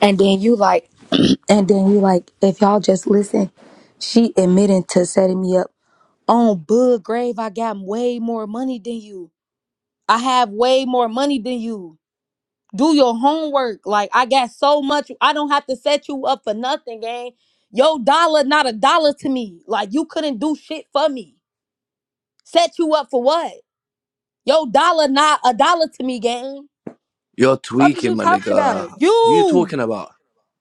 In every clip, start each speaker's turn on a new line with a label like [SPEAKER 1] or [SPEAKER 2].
[SPEAKER 1] And then you like, and then you like, if y'all just listen, she admitting to setting me up on Bud Grave. I got way more money than you. I have way more money than you. Do your homework. Like I got so much. I don't have to set you up for nothing, gang. Your dollar not a dollar to me. Like you couldn't do shit for me. Set you up for what? Your dollar not a dollar to me, gang.
[SPEAKER 2] You're
[SPEAKER 1] Fuck is you
[SPEAKER 2] tweaking, my
[SPEAKER 1] talking about?
[SPEAKER 2] nigga. Who you
[SPEAKER 1] You,
[SPEAKER 2] talking about?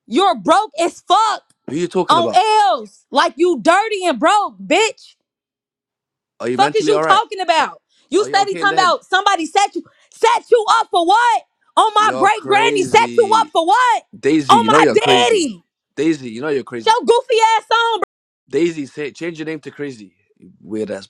[SPEAKER 1] you're broke as fuck.
[SPEAKER 2] Who you talking
[SPEAKER 1] on
[SPEAKER 2] about?
[SPEAKER 1] L's like you dirty and broke, bitch.
[SPEAKER 2] Are you
[SPEAKER 1] Fuck is
[SPEAKER 2] mentally
[SPEAKER 1] you
[SPEAKER 2] alright?
[SPEAKER 1] talking about? You
[SPEAKER 2] Are you
[SPEAKER 1] steady
[SPEAKER 2] okay in
[SPEAKER 1] talking
[SPEAKER 2] the head?
[SPEAKER 1] about somebody set you set you up for what? On my
[SPEAKER 2] You're
[SPEAKER 1] great granny set you up
[SPEAKER 2] crazy.
[SPEAKER 1] for what?
[SPEAKER 2] Daisy,
[SPEAKER 1] On
[SPEAKER 2] you know
[SPEAKER 1] my
[SPEAKER 2] you're crazy.
[SPEAKER 1] daddy.
[SPEAKER 2] Daisy, you know you're crazy.
[SPEAKER 1] Your goofy ass on,
[SPEAKER 2] Daisy, say change your name to crazy. Weirdass